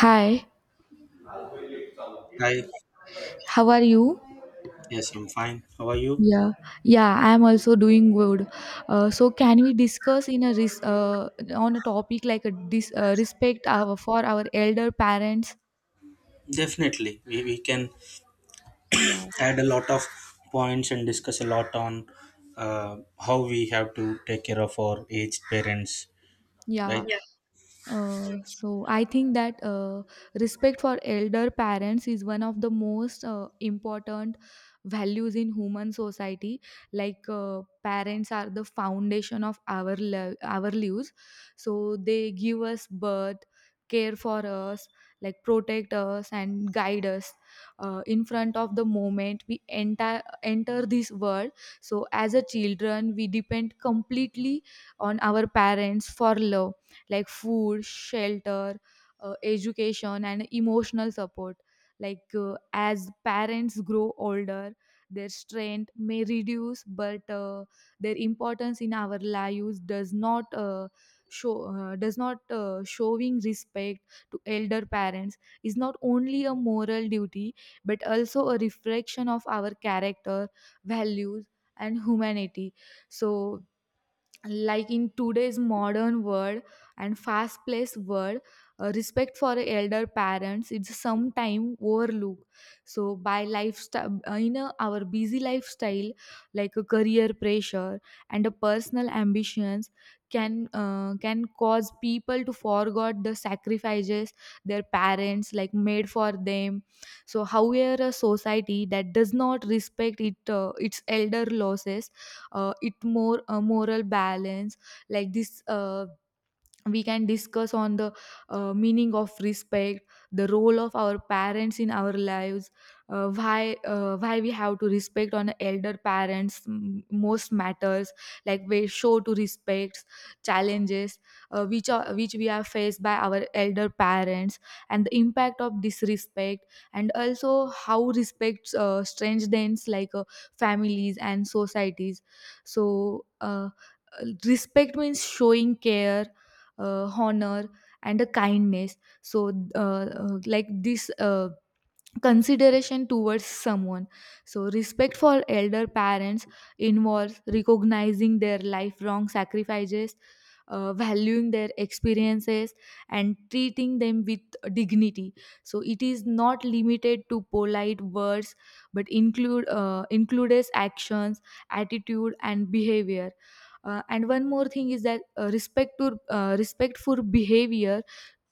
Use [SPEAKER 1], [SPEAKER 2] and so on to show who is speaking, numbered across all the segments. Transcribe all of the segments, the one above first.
[SPEAKER 1] Hi,
[SPEAKER 2] Hi.
[SPEAKER 1] how are you?
[SPEAKER 2] Yes, I'm fine. How are you?
[SPEAKER 1] Yeah, yeah, I am also doing good. So, can we discuss on a topic like respect our for our elder parents?
[SPEAKER 2] Definitely. We can
[SPEAKER 1] Yeah,
[SPEAKER 2] add a lot of points and discuss a lot on how we have to take care of our aged parents, right?
[SPEAKER 1] yeah.
[SPEAKER 2] Yeah.
[SPEAKER 1] So I think that respect for elder parents is one of the most important values in human society. Parents are the foundation of our lives, so they give us birth, care for us, like protect us and guide us. In front of the moment we enter this world, so as a children we depend completely on our parents for love like food, shelter, education, and emotional support. As parents grow older, their strength may reduce, but their importance in our lives does not showing respect to elder parents is not only a moral duty but also a reflection of our character, values, and humanity. So, like in today's modern world and fast paced world, respect for elder parents it's sometime overlooked, so by lifestyle, in a, our busy lifestyle like a career pressure and a personal ambitions can cause people to forget the sacrifices their parents like made for them. So however a society that does not respect it its elder laws, it more moral balance. Like this We can discuss on the meaning of respect, the role of our parents in our lives, why we have to respect on elder parents most matters, like we show to respect challenges which we are faced by our elder parents, and the impact of disrespect, and also how respect strengthens families and societies. so uh, Respect means showing care, honor, and a kindness. So like this Consideration towards someone. So respect for elder parents involves recognizing their lifelong sacrifices, valuing their experiences, and treating them with dignity. So it is not limited to polite words but includes actions, attitude and behavior. And one more thing is that respect behavior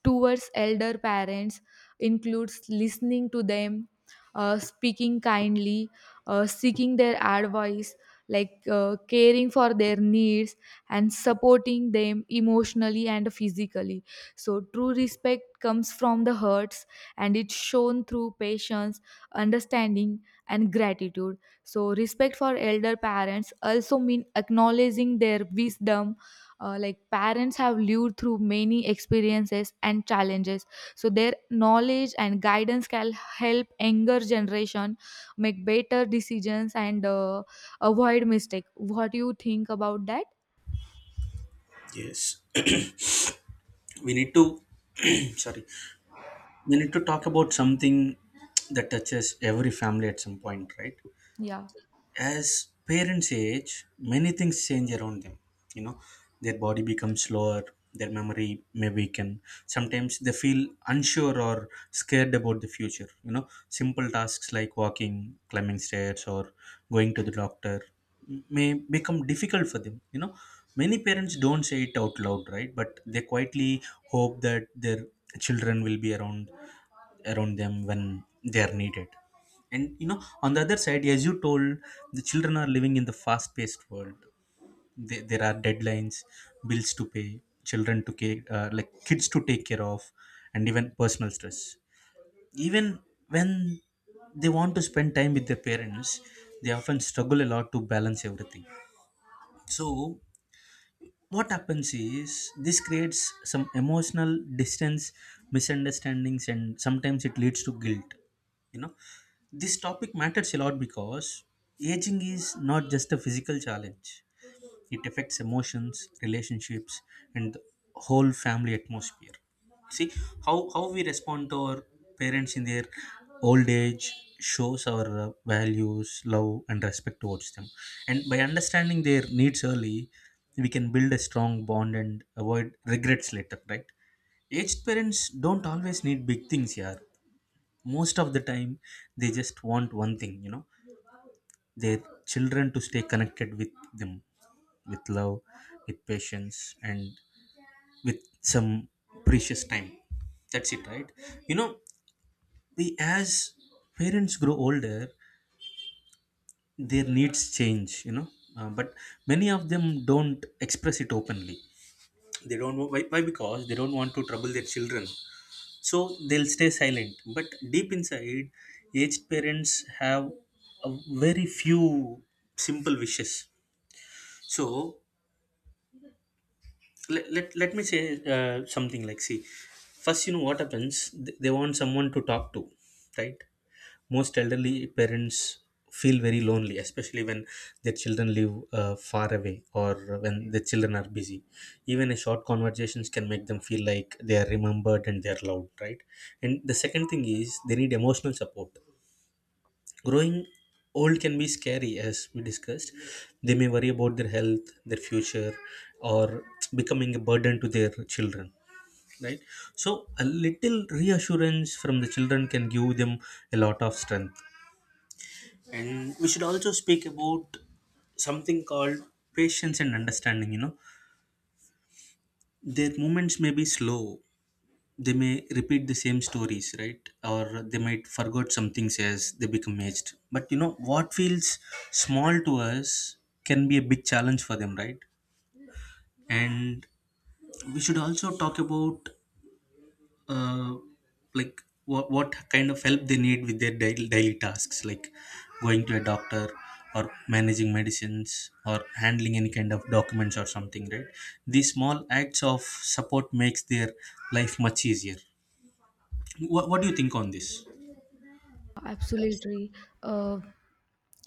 [SPEAKER 1] towards elder parents includes listening to them, speaking kindly, seeking their advice, caring for their needs, and supporting them emotionally and physically. So, true respect comes from the hearts and it's shown through patience, understanding, and gratitude. So, respect for elder parents also mean acknowledging their wisdom. Like parents have lived through many experiences and challenges, so their knowledge and guidance can help younger generation make better decisions and avoid mistake. What do you think about that?
[SPEAKER 2] Yes. We need to, sorry, we need to talk about something that touches every family at some point, right?
[SPEAKER 1] Yeah.
[SPEAKER 2] As parents age, many things change around them. You know, their body becomes slower, their memory may weaken. Sometimes they feel unsure or scared about the future. You know, simple tasks like walking, climbing stairs, or going to the doctor may become difficult for them. You know, many parents don't say it out loud, right? But they quietly hope that their children will be around them when they are needed. And you know, on the other side, as you told, the children are living in the fast paced world. There are deadlines, bills to pay, children to care, like kids to take care of, and even personal stress. Even when they want to spend time with their parents, they often struggle a lot to balance everything. So what happens is, this creates some emotional distance, misunderstandings, and sometimes it leads to guilt. You know, this topic matters a lot because aging is not just a physical challenge, it affects emotions, relationships, and the whole family atmosphere. See, how we respond to our parents in their old age shows our values, love, and respect towards them. And by understanding their needs early, we can build a strong bond and avoid regrets later, right? Aged parents don't always need big things, yeah. Most of the time they just want one thing, you know. Their children to stay connected with them, with love, with patience, and with some precious time. That's it, right? You know, we as parents grow older, their needs change, you know. But many of them don't express it openly. They don't wa- why, why because they don't want to trouble their children. So they'll stay silent, but deep inside, aged parents have a very few simple wishes. So let me say something like, see, first you know what happens. They want someone to talk to, right? Most elderly parents feel very lonely, especially when their children live far away or when the children are busy. Even a short conversations can make them feel like they are remembered and they are loved, right? And the second thing is, they need emotional support. Growing old can be scary, as we discussed. They may worry about their health, their future, or becoming a burden to their children, right? So a little reassurance from the children can give them a lot of strength. And we should also speak about something called patience and understanding. You know, their movements may be slow. They may repeat the same stories, right? Or they might forget some things as they become aged. But you know, what feels small to us can be a big challenge for them, right? And we should also talk about uh, like what kind of help they need with their daily tasks like going to a doctor or managing medicines or handling any kind of documents or something, right? These small acts of support makes their life much easier. What do you think on this?
[SPEAKER 1] Absolutely. Uh,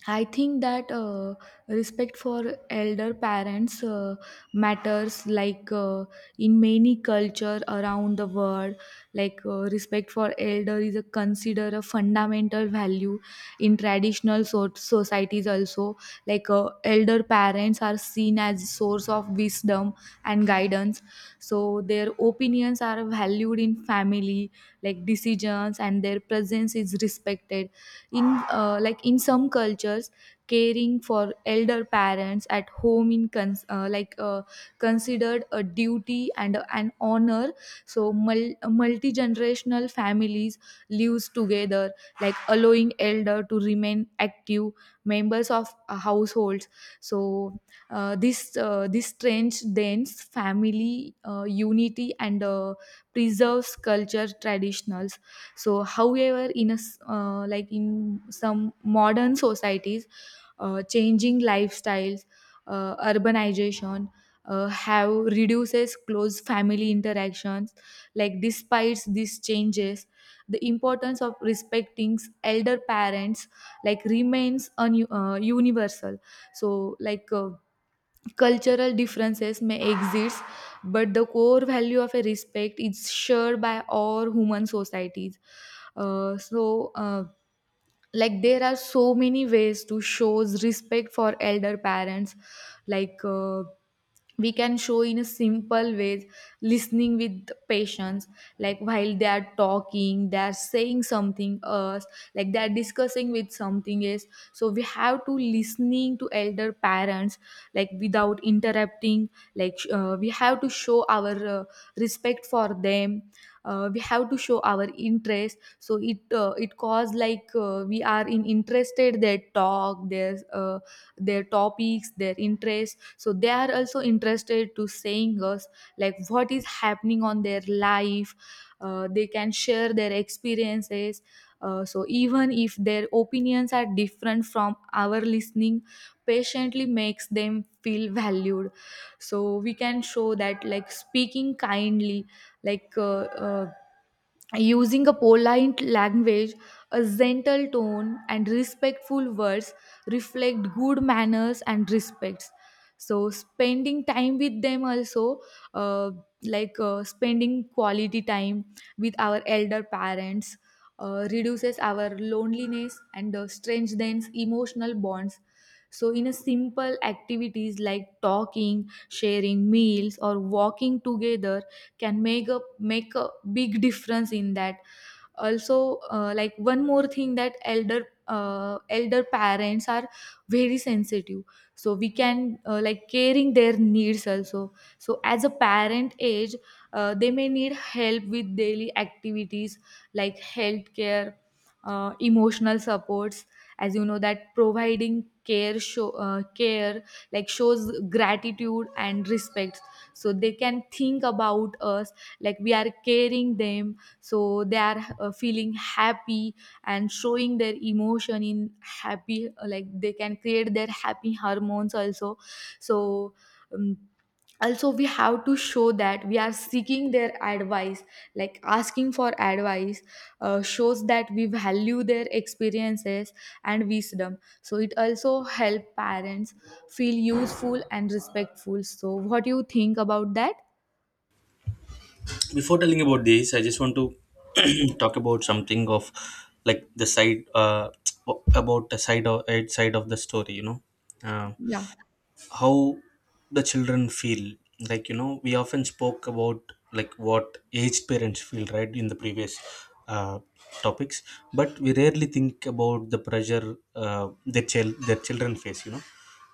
[SPEAKER 1] I think that respect for elder parents matters. In many culture around the world, respect for elder is a consider a fundamental value in societies also. Elder parents are seen as source of wisdom and guidance, so their opinions are valued in family like decisions, and their presence is respected in, in some cultures. Caring for elder parents at home in cons- like considered a duty and an honor. So multi generational families lives together, like allowing elder to remain active members of households. So this strange dense family unity and preserves culture traditionals. So however in a s- like in some modern societies, changing lifestyles, urbanization have reduces close family interactions. Like despite these changes, the importance of respecting elder parents like remains universal. so like uh, Cultural differences may exist, but the core value of a respect is shared by all human societies. Uh, so, uh, like there are so many ways to shows respect for elder parents. like uh, we can show in a simple ways: listening with patience. Like while they are talking, they are saying something else, like they are discussing with something else, so we have to listening to elder parents like without interrupting, we have to show our respect for them. We have to show our interest, so it cause we are in interested their talk, their topics, their interests, so they are also interested to saying us like what is happening on their life. They can share their experiences. So even if their opinions are different from our listening patiently, makes them feel valued. So we can show that like speaking kindly, like uh, uh, using a polite language, a gentle tone and respectful words reflect good manners and respects. So spending time with them also, uh, spending quality time with our elder parents reduces our loneliness and strengthens emotional bonds. So in a simple activities like talking, sharing meals or walking together can make a big difference in that. Also, like one more thing, that elder parents are very sensitive, so we can like caring their needs also. So as a parent age, they may need help with daily activities like healthcare, emotional supports. As you know that providing care show care like shows gratitude and respect, so they can think about us like we are caring them, so they are feeling happy and showing their emotion in happy, like they can create their happy hormones also. So, um, also we have to show that we are seeking their advice, like asking for advice shows that we value their experiences and wisdom, so it also help parents feel useful and respectful. So what do you think about that?
[SPEAKER 2] Before telling about this, I just want to talk about something of like the side about the side of the story, you know. uh,
[SPEAKER 1] Yeah.
[SPEAKER 2] how the children feel, like you know, we often spoke about like what aged parents feel, right, in the previous uh, topics. But we rarely think about the pressure their children face, you know.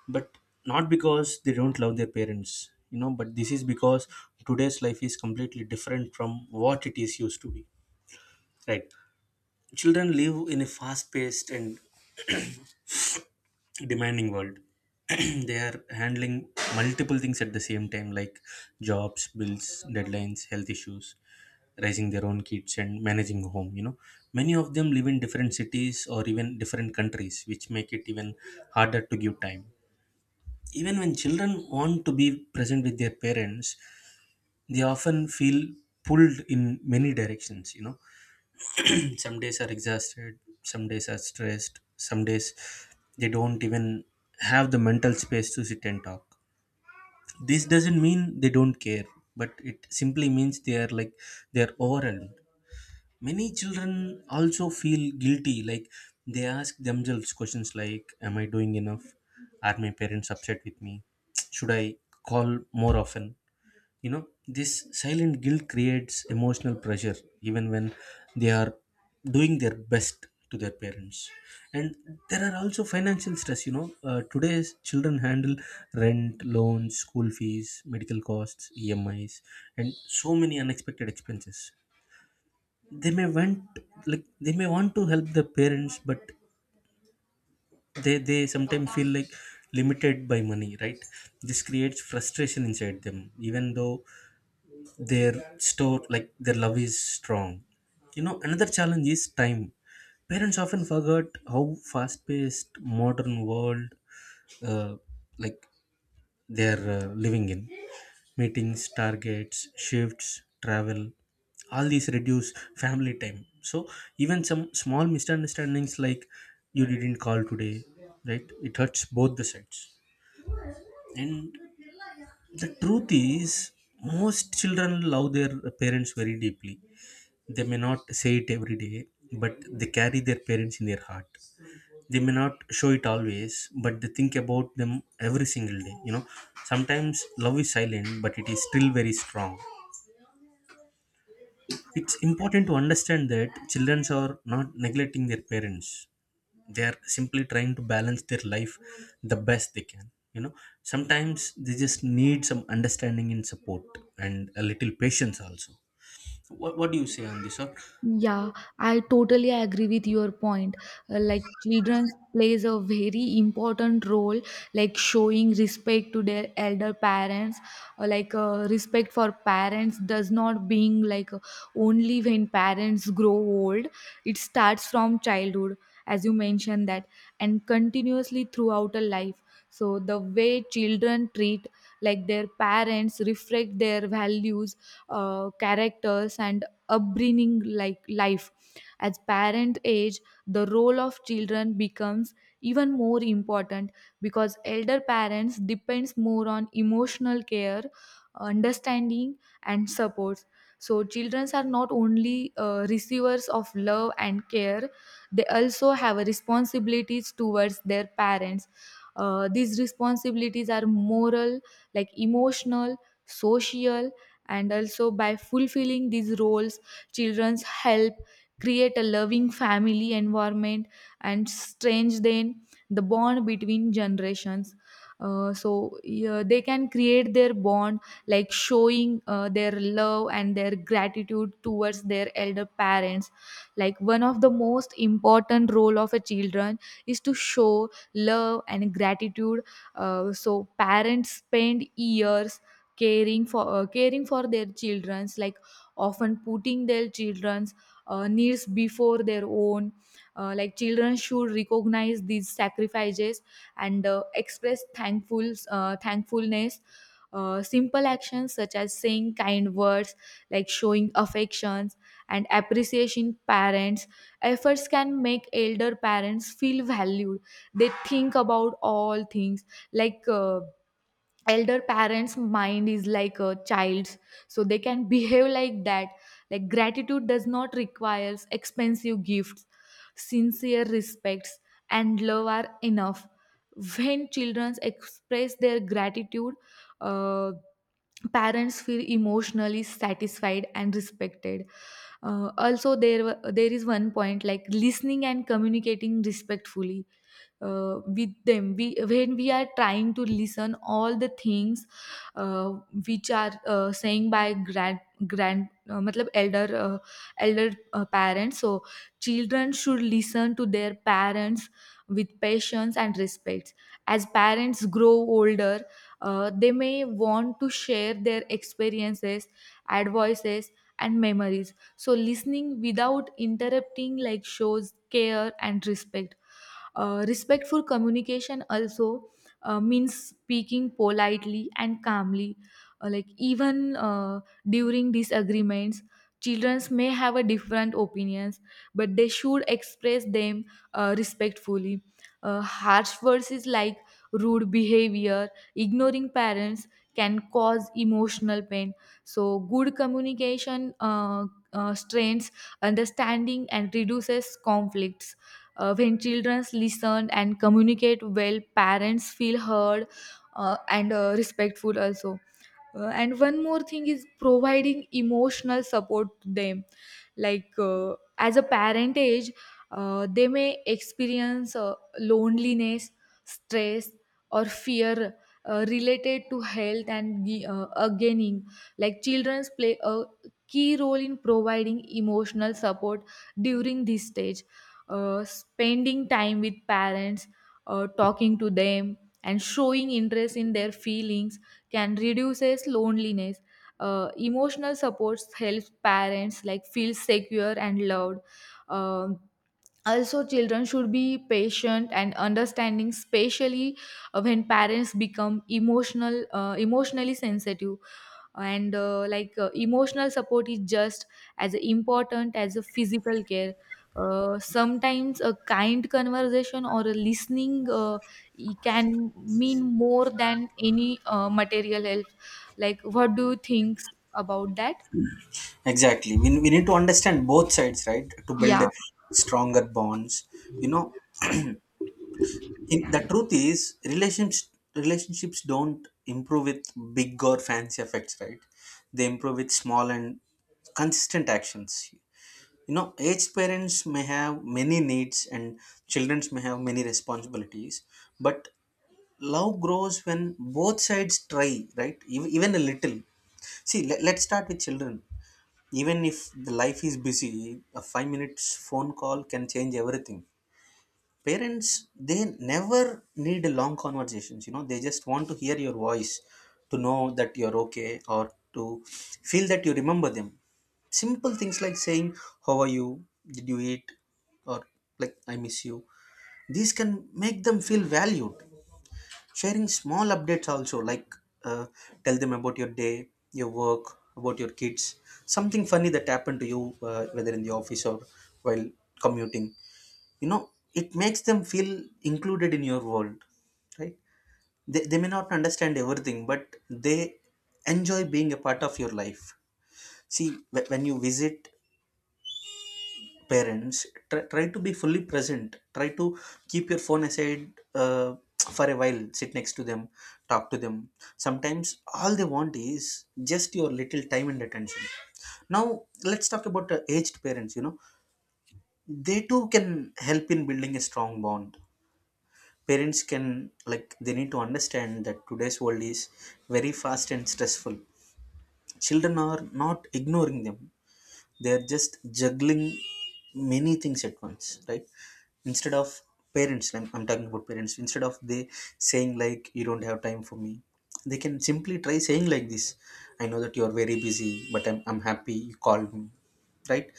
[SPEAKER 2] But not because they don't love their parents, you know, but this is because today's life is completely different from what it is used to be, right? Children live in a fast paced and demanding world. They are handling multiple things at the same time, like jobs, bills, deadlines, health issues, raising their own kids, and managing a home. You know, many of them live in different cities or even different countries, which make it even harder to give time. Even when children want to be present with their parents, they often feel pulled in many directions, you know. Some days are exhausted, some days are stressed, some days they don't even have the mental space to sit and talk. This doesn't mean they don't care, but it simply means they are overwhelmed. Many children also feel guilty, like they ask themselves questions like, am I doing enough? Are my parents upset with me? Should I call more often? You know, this silent guilt creates emotional pressure even when they are doing their best to their parents. And there are also financial stress, you know. Today's children handle rent, loans, school fees, medical costs, emis, and so many unexpected expenses. they may want they may want to help the parents, but they sometimes feel like limited by money, right? This creates frustration inside them, even though their store like their love is strong. You know, another challenge is time. Parents often forget how fast paced modern world uh, like they're living in. Meetings, targets, shifts, travel, all these reduce family time. So even some small misunderstandings like, you didn't call today, right, it hurts both the sides. And the truth is, most children love their parents very deeply. They may not say it every day, but they carry their parents in their heart. They may not show it always, but they think about them every single day. You know, sometimes love is silent, but it is still very strong. It's important to understand that children are not neglecting their parents. They are simply trying to balance their life the best they can. You know, sometimes they just need some understanding and support, and a little patience also. What do you say on this? Or
[SPEAKER 1] Yeah, I totally agree with your point. Like children plays a very important role, like showing respect to their elder parents. Or respect for parents does not being only when parents grow old. It starts from childhood, as you mentioned that, and continuously throughout a life. So the way children treat like their parents reflect their values, characters, and upbringing like life. As parent age, the role of children becomes even more important, because elder parents depends more on emotional care, understanding and support. So children are not only receivers of love and care, they also have responsibilities towards their parents. These responsibilities are moral, like emotional, social, and also by fulfilling these roles, children's help create a loving family environment and strengthen the bond between generations. So yeah, they can create their bond like showing their love and their gratitude towards their elder parents. Like one of the most important role of a children is to show love and gratitude. So parents spend years caring for their children's, like often putting their children's needs before their own. Like children should recognize these sacrifices and express thankfulness. Simple actions such as saying kind words, like showing affections and appreciation parents efforts can make elder parents feel valued. They think about all things, like elder parents mind is like a child's, so they can behave like that. Like gratitude does not requires expensive gifts. Sincere respects and love are enough. When children express their gratitude, uh, parents feel emotionally satisfied and respected. Also there is one point like listening and communicating respectfully with them. We when we are trying to listen all the things uh, which are saying by grand grand matlab elder elder parents. So children should listen to their parents with patience and respect. As parents grow older, they may want to share their experiences, advices, and memories, so listening without interrupting like shows care and respect. Respectful communication also means speaking politely and calmly. Like even During disagreements, children may have a different opinions, but they should express them respectfully. Harsh words is like rude behavior, ignoring parents can cause emotional pain. So good communication strengthens understanding and reduces conflicts. When children listen and communicate well, parents feel heard and respectful also. And one more thing is providing emotional support to them. As a parent age, they may experience loneliness, stress, or fear related to health and gaining. Like childrens play a key role in providing emotional support during this stage. Spending time with parents, talking to them and showing interest in their feelings can reduces loneliness. Emotional supports helps parents like feel secure and loved. Um, Also, children should be patient and understanding, especially when parents become emotional, emotionally sensitive and emotional support is just as important as a physical care. Sometimes a kind conversation or a listening, it can mean more than any material help. Like what do you think about that?
[SPEAKER 2] exactly. We need to understand both sides, right? To build
[SPEAKER 1] Yeah.
[SPEAKER 2] stronger bonds. You know, the truth is, relationships don't improve with big or fancy effects, right? They improve with small and consistent actions. You know, aged parents may have many needs and children may have many responsibilities, but love grows when both sides try, right? Even, even a little. See, let's start with children. Even if the life is busy, a 5 minutes phone call can change everything. Parents, they never need long conversations, you know. They just want to hear your voice, to know that you're okay, or to feel that you remember them. Simple things like saying, how are you, did you eat, or like, I miss you, these can make them feel valued. Sharing small updates also, like uh, tell them about your day, your work, about your kids, something funny that happened to you, whether in the office or while commuting. You know, it makes them feel included in your world, right? They may not understand everything, but they enjoy being a part of your life. See, when you visit parents, try to be fully present, try to keep your phone aside uh, for a while. Sit next to them, talk to them. Sometimes all they want is just your little time and attention. Now let's talk about aged parents, you know. They too can help in building a strong bond. Parents can, like they need to understand that today's world is very fast and stressful. Children are not ignoring them, they're just juggling many things at once, right? Instead of parents, I'm talking about parents, instead of they saying like, you don't have time for me, they can simply try saying like this, I know that you're very busy, but I'm happy you called me, right?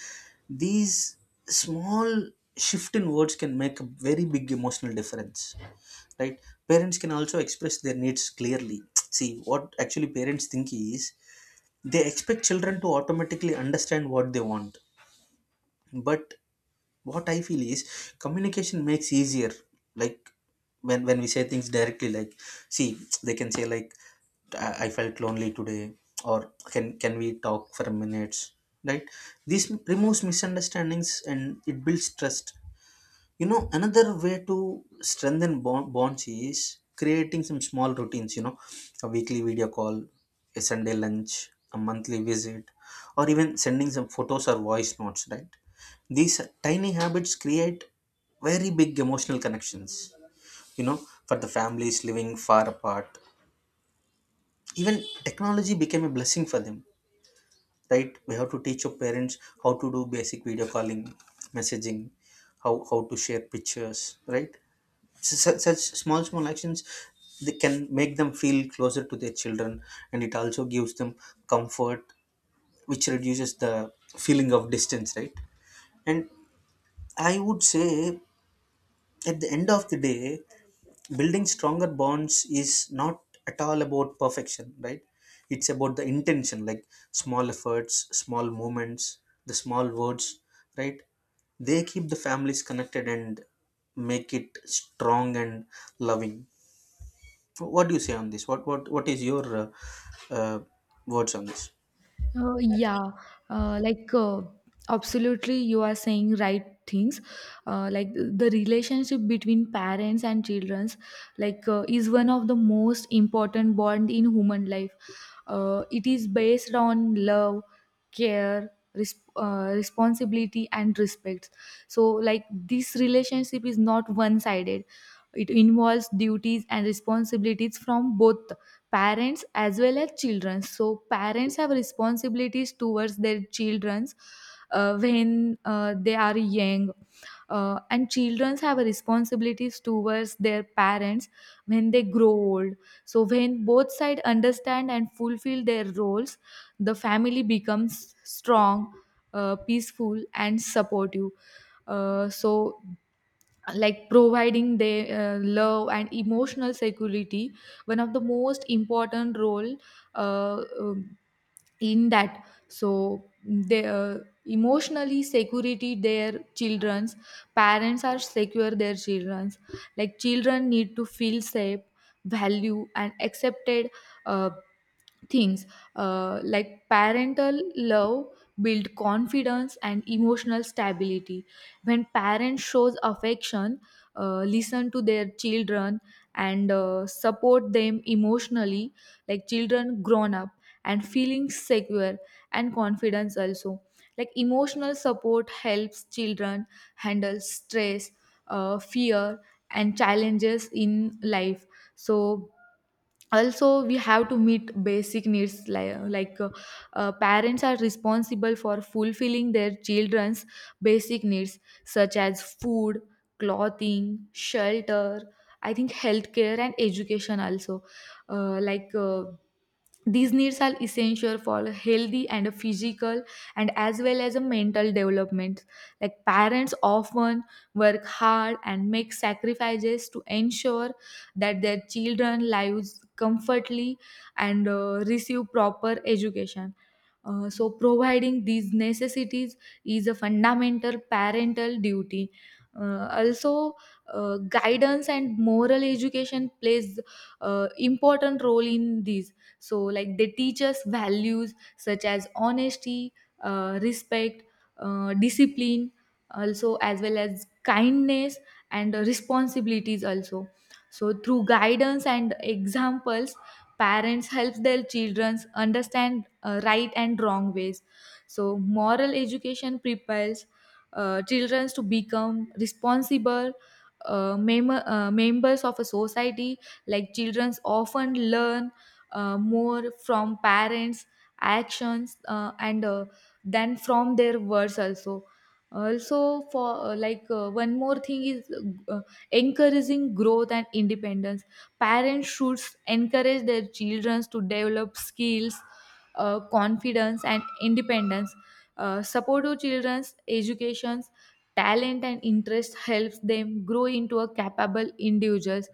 [SPEAKER 2] These small shift in words can make a very big emotional difference, right? Parents can also express their needs clearly. See, what actually parents think is, they expect children to automatically understand what they want. But what I feel is, communication makes easier. Like when we say things directly, like, see, they can say like, I felt lonely today, or can we talk for minutes, right? This removes misunderstandings and it builds trust. You know, another way to strengthen bonds is creating some small routines, you know, a weekly video call, a Sunday lunch, a monthly visit, or even sending some photos or voice notes, right? These tiny habits create very big emotional connections, you know, for the families living far apart. Even technology became a blessing for them, right? We have to teach your parents how to do basic video calling, messaging, how to share pictures, right? Such small actions, they can make them feel closer to their children, and it also gives them comfort, which reduces the feeling of distance, right? And I would say, at the end of the day, building stronger bonds is not at all about perfection, right? It's about the intention. Like, small efforts, small moments, the small words, right? They keep the families connected and make it strong and loving. What do you say on this? What is your uh, words on this?
[SPEAKER 1] Uh, yeah, uh, like uh, Absolutely, you are saying right things. Like the relationship between parents and childrens, like, is one of the most important bond in human life. It is based on love, care, responsibility, and respect. So, like this relationship is not one-sided. It involves duties and responsibilities from both parents as well as children. So parents have responsibilities towards their children's when they are young, and children have responsibilities towards their parents when they grow old. So when both sides understand and fulfill their roles, the family becomes strong, peaceful and supportive. So, like providing their love and emotional security, one of the most important role, uh, um, in that. So they emotionally security their children's, parents are secure their children's. Like children need to feel safe, value and accepted, uh, things, like parental love build confidence and emotional stability. When parents shows affection, listen to their children, and support them emotionally, like children grown up and feeling secure and confidence also. Like emotional support helps children handle stress, fear and challenges in life. So also we have to meet basic needs like, parents are responsible for fulfilling their children's basic needs such as food, clothing, shelter, I think healthcare and education also. uh, like uh, these needs are essential for healthy and physical and as well as a mental development. Like parents often work hard and make sacrifices to ensure that their children lives comfortably and receive proper education. So providing these necessities is a fundamental parental duty. Also, guidance and moral education plays important role in these. So, like they teach us values such as honesty, respect, discipline, also as well as kindness and responsibilities also. So through guidance and examples, parents help their children understand right and wrong ways. So moral education prepares children to become responsible members of a society. Like children often learn more from parents actions and than from their words also. Also for uh, like uh, one more thing is uh, encouraging growth and independence. Parents should encourage their children to develop skills, confidence, and independence. Support to children's education, talent, and interest helps them grow into a capable individuals.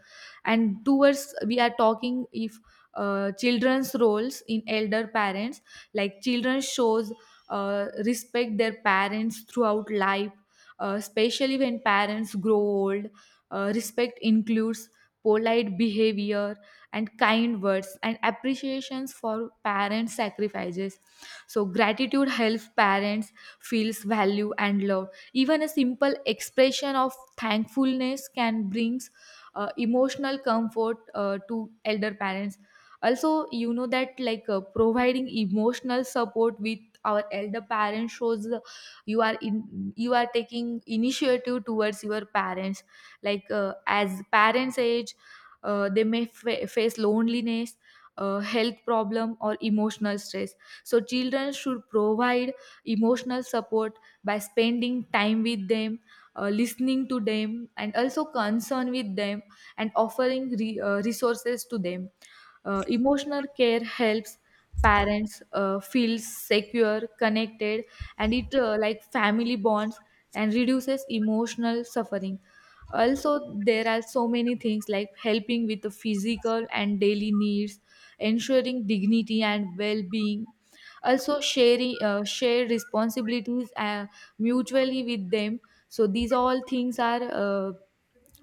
[SPEAKER 1] And towards we are talking if children's roles in elder parents, like children shows respect their parents throughout life, especially when parents grow old. Respect includes polite behavior and kind words and appreciations for parent sacrifices. So, gratitude helps parents feels value and love. Even a simple expression of thankfulness can brings emotional comfort to elder parents. Also, you know that like providing emotional support with our elder parents shows you are in, you are taking initiative towards your parents. Like, as parents age, they may face loneliness, health problem or emotional stress. So children should provide emotional support by spending time with them, listening to them and also concern with them and offering resources to them. Emotional care helps parents feel secure, connected, and it like family bonds and reduces emotional suffering. Also, there are so many things like helping with the physical and daily needs, ensuring dignity and well being. Also, sharing share responsibilities mutually with them. So these all things are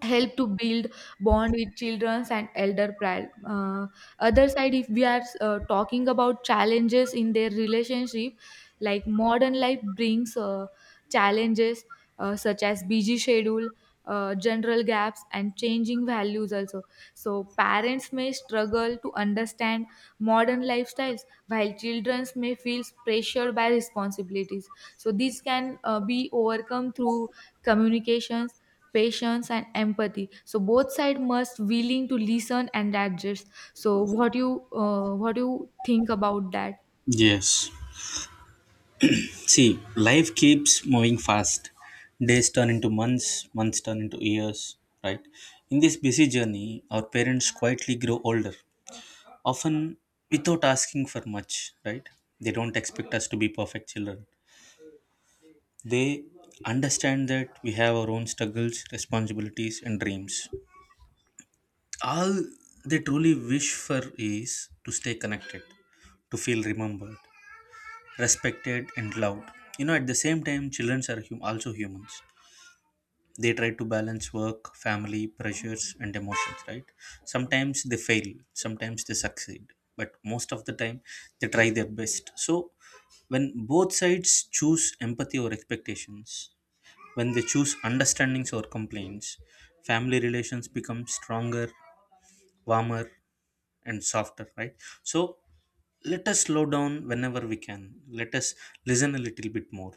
[SPEAKER 1] help to build bond with children and elder other side. If we are talking about challenges in their relationship, like modern life brings challenges such as busy schedule, general gaps and changing values also. So parents may struggle to understand modern lifestyles while children may feel pressured by responsibilities. So these can be overcome through communications, patience and empathy. So both side must willing to listen and adjust. So what you think about that?
[SPEAKER 2] Yes. See, life keeps moving fast. Days turn into months, months turn into years, right? In this busy journey, our parents quietly grow older, often without asking for much, right? They don't expect us to be perfect children. They understand that we have our own struggles, responsibilities, and dreams. All they truly wish for is to stay connected, to feel remembered, respected, and loved. You know, at the same time, children are also humans. They try to balance work, family pressures, and emotions, right? Sometimes they fail, sometimes they succeed, but most of the time they try their best. So when both sides choose empathy or expectations, when they choose understandings or complaints, family relations become stronger, warmer, and softer, right? So let us slow down whenever we can, let us listen a little bit more,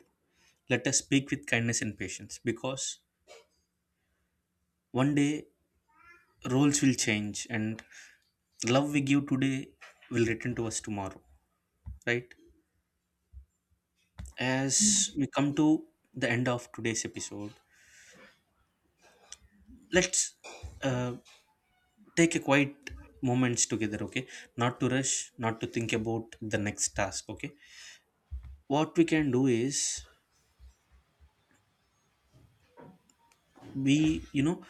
[SPEAKER 2] let us speak with kindness and patience, because one day roles will change, and love we give today will return to us tomorrow, right? As we come to the end of today's episode, let's uh, take a quiet moments together, okay? Not to rush, not to think about the next task, okay? What we can do is, we, you know,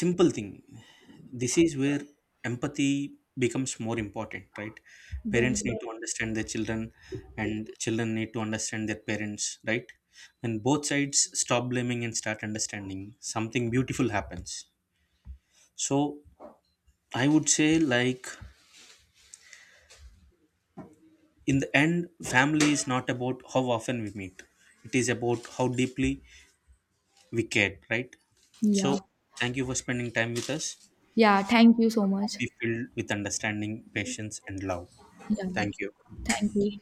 [SPEAKER 2] simple thing. This is where empathy becomes more important, right? Parents need
[SPEAKER 1] Don't.
[SPEAKER 2] to understand their children, and children need to understand their parents, right? When both sides stop blaming and start understanding, something beautiful happens. So I would say like, in the end, family is not about how often we meet, it is about how deeply we care, right? So
[SPEAKER 1] Yeah.
[SPEAKER 2] thank you for spending time with us.
[SPEAKER 1] Yeah, thank you so much.
[SPEAKER 2] Be filled with understanding, patience, and love.
[SPEAKER 1] Yeah, yeah.
[SPEAKER 2] Thank you.
[SPEAKER 1] Thank you.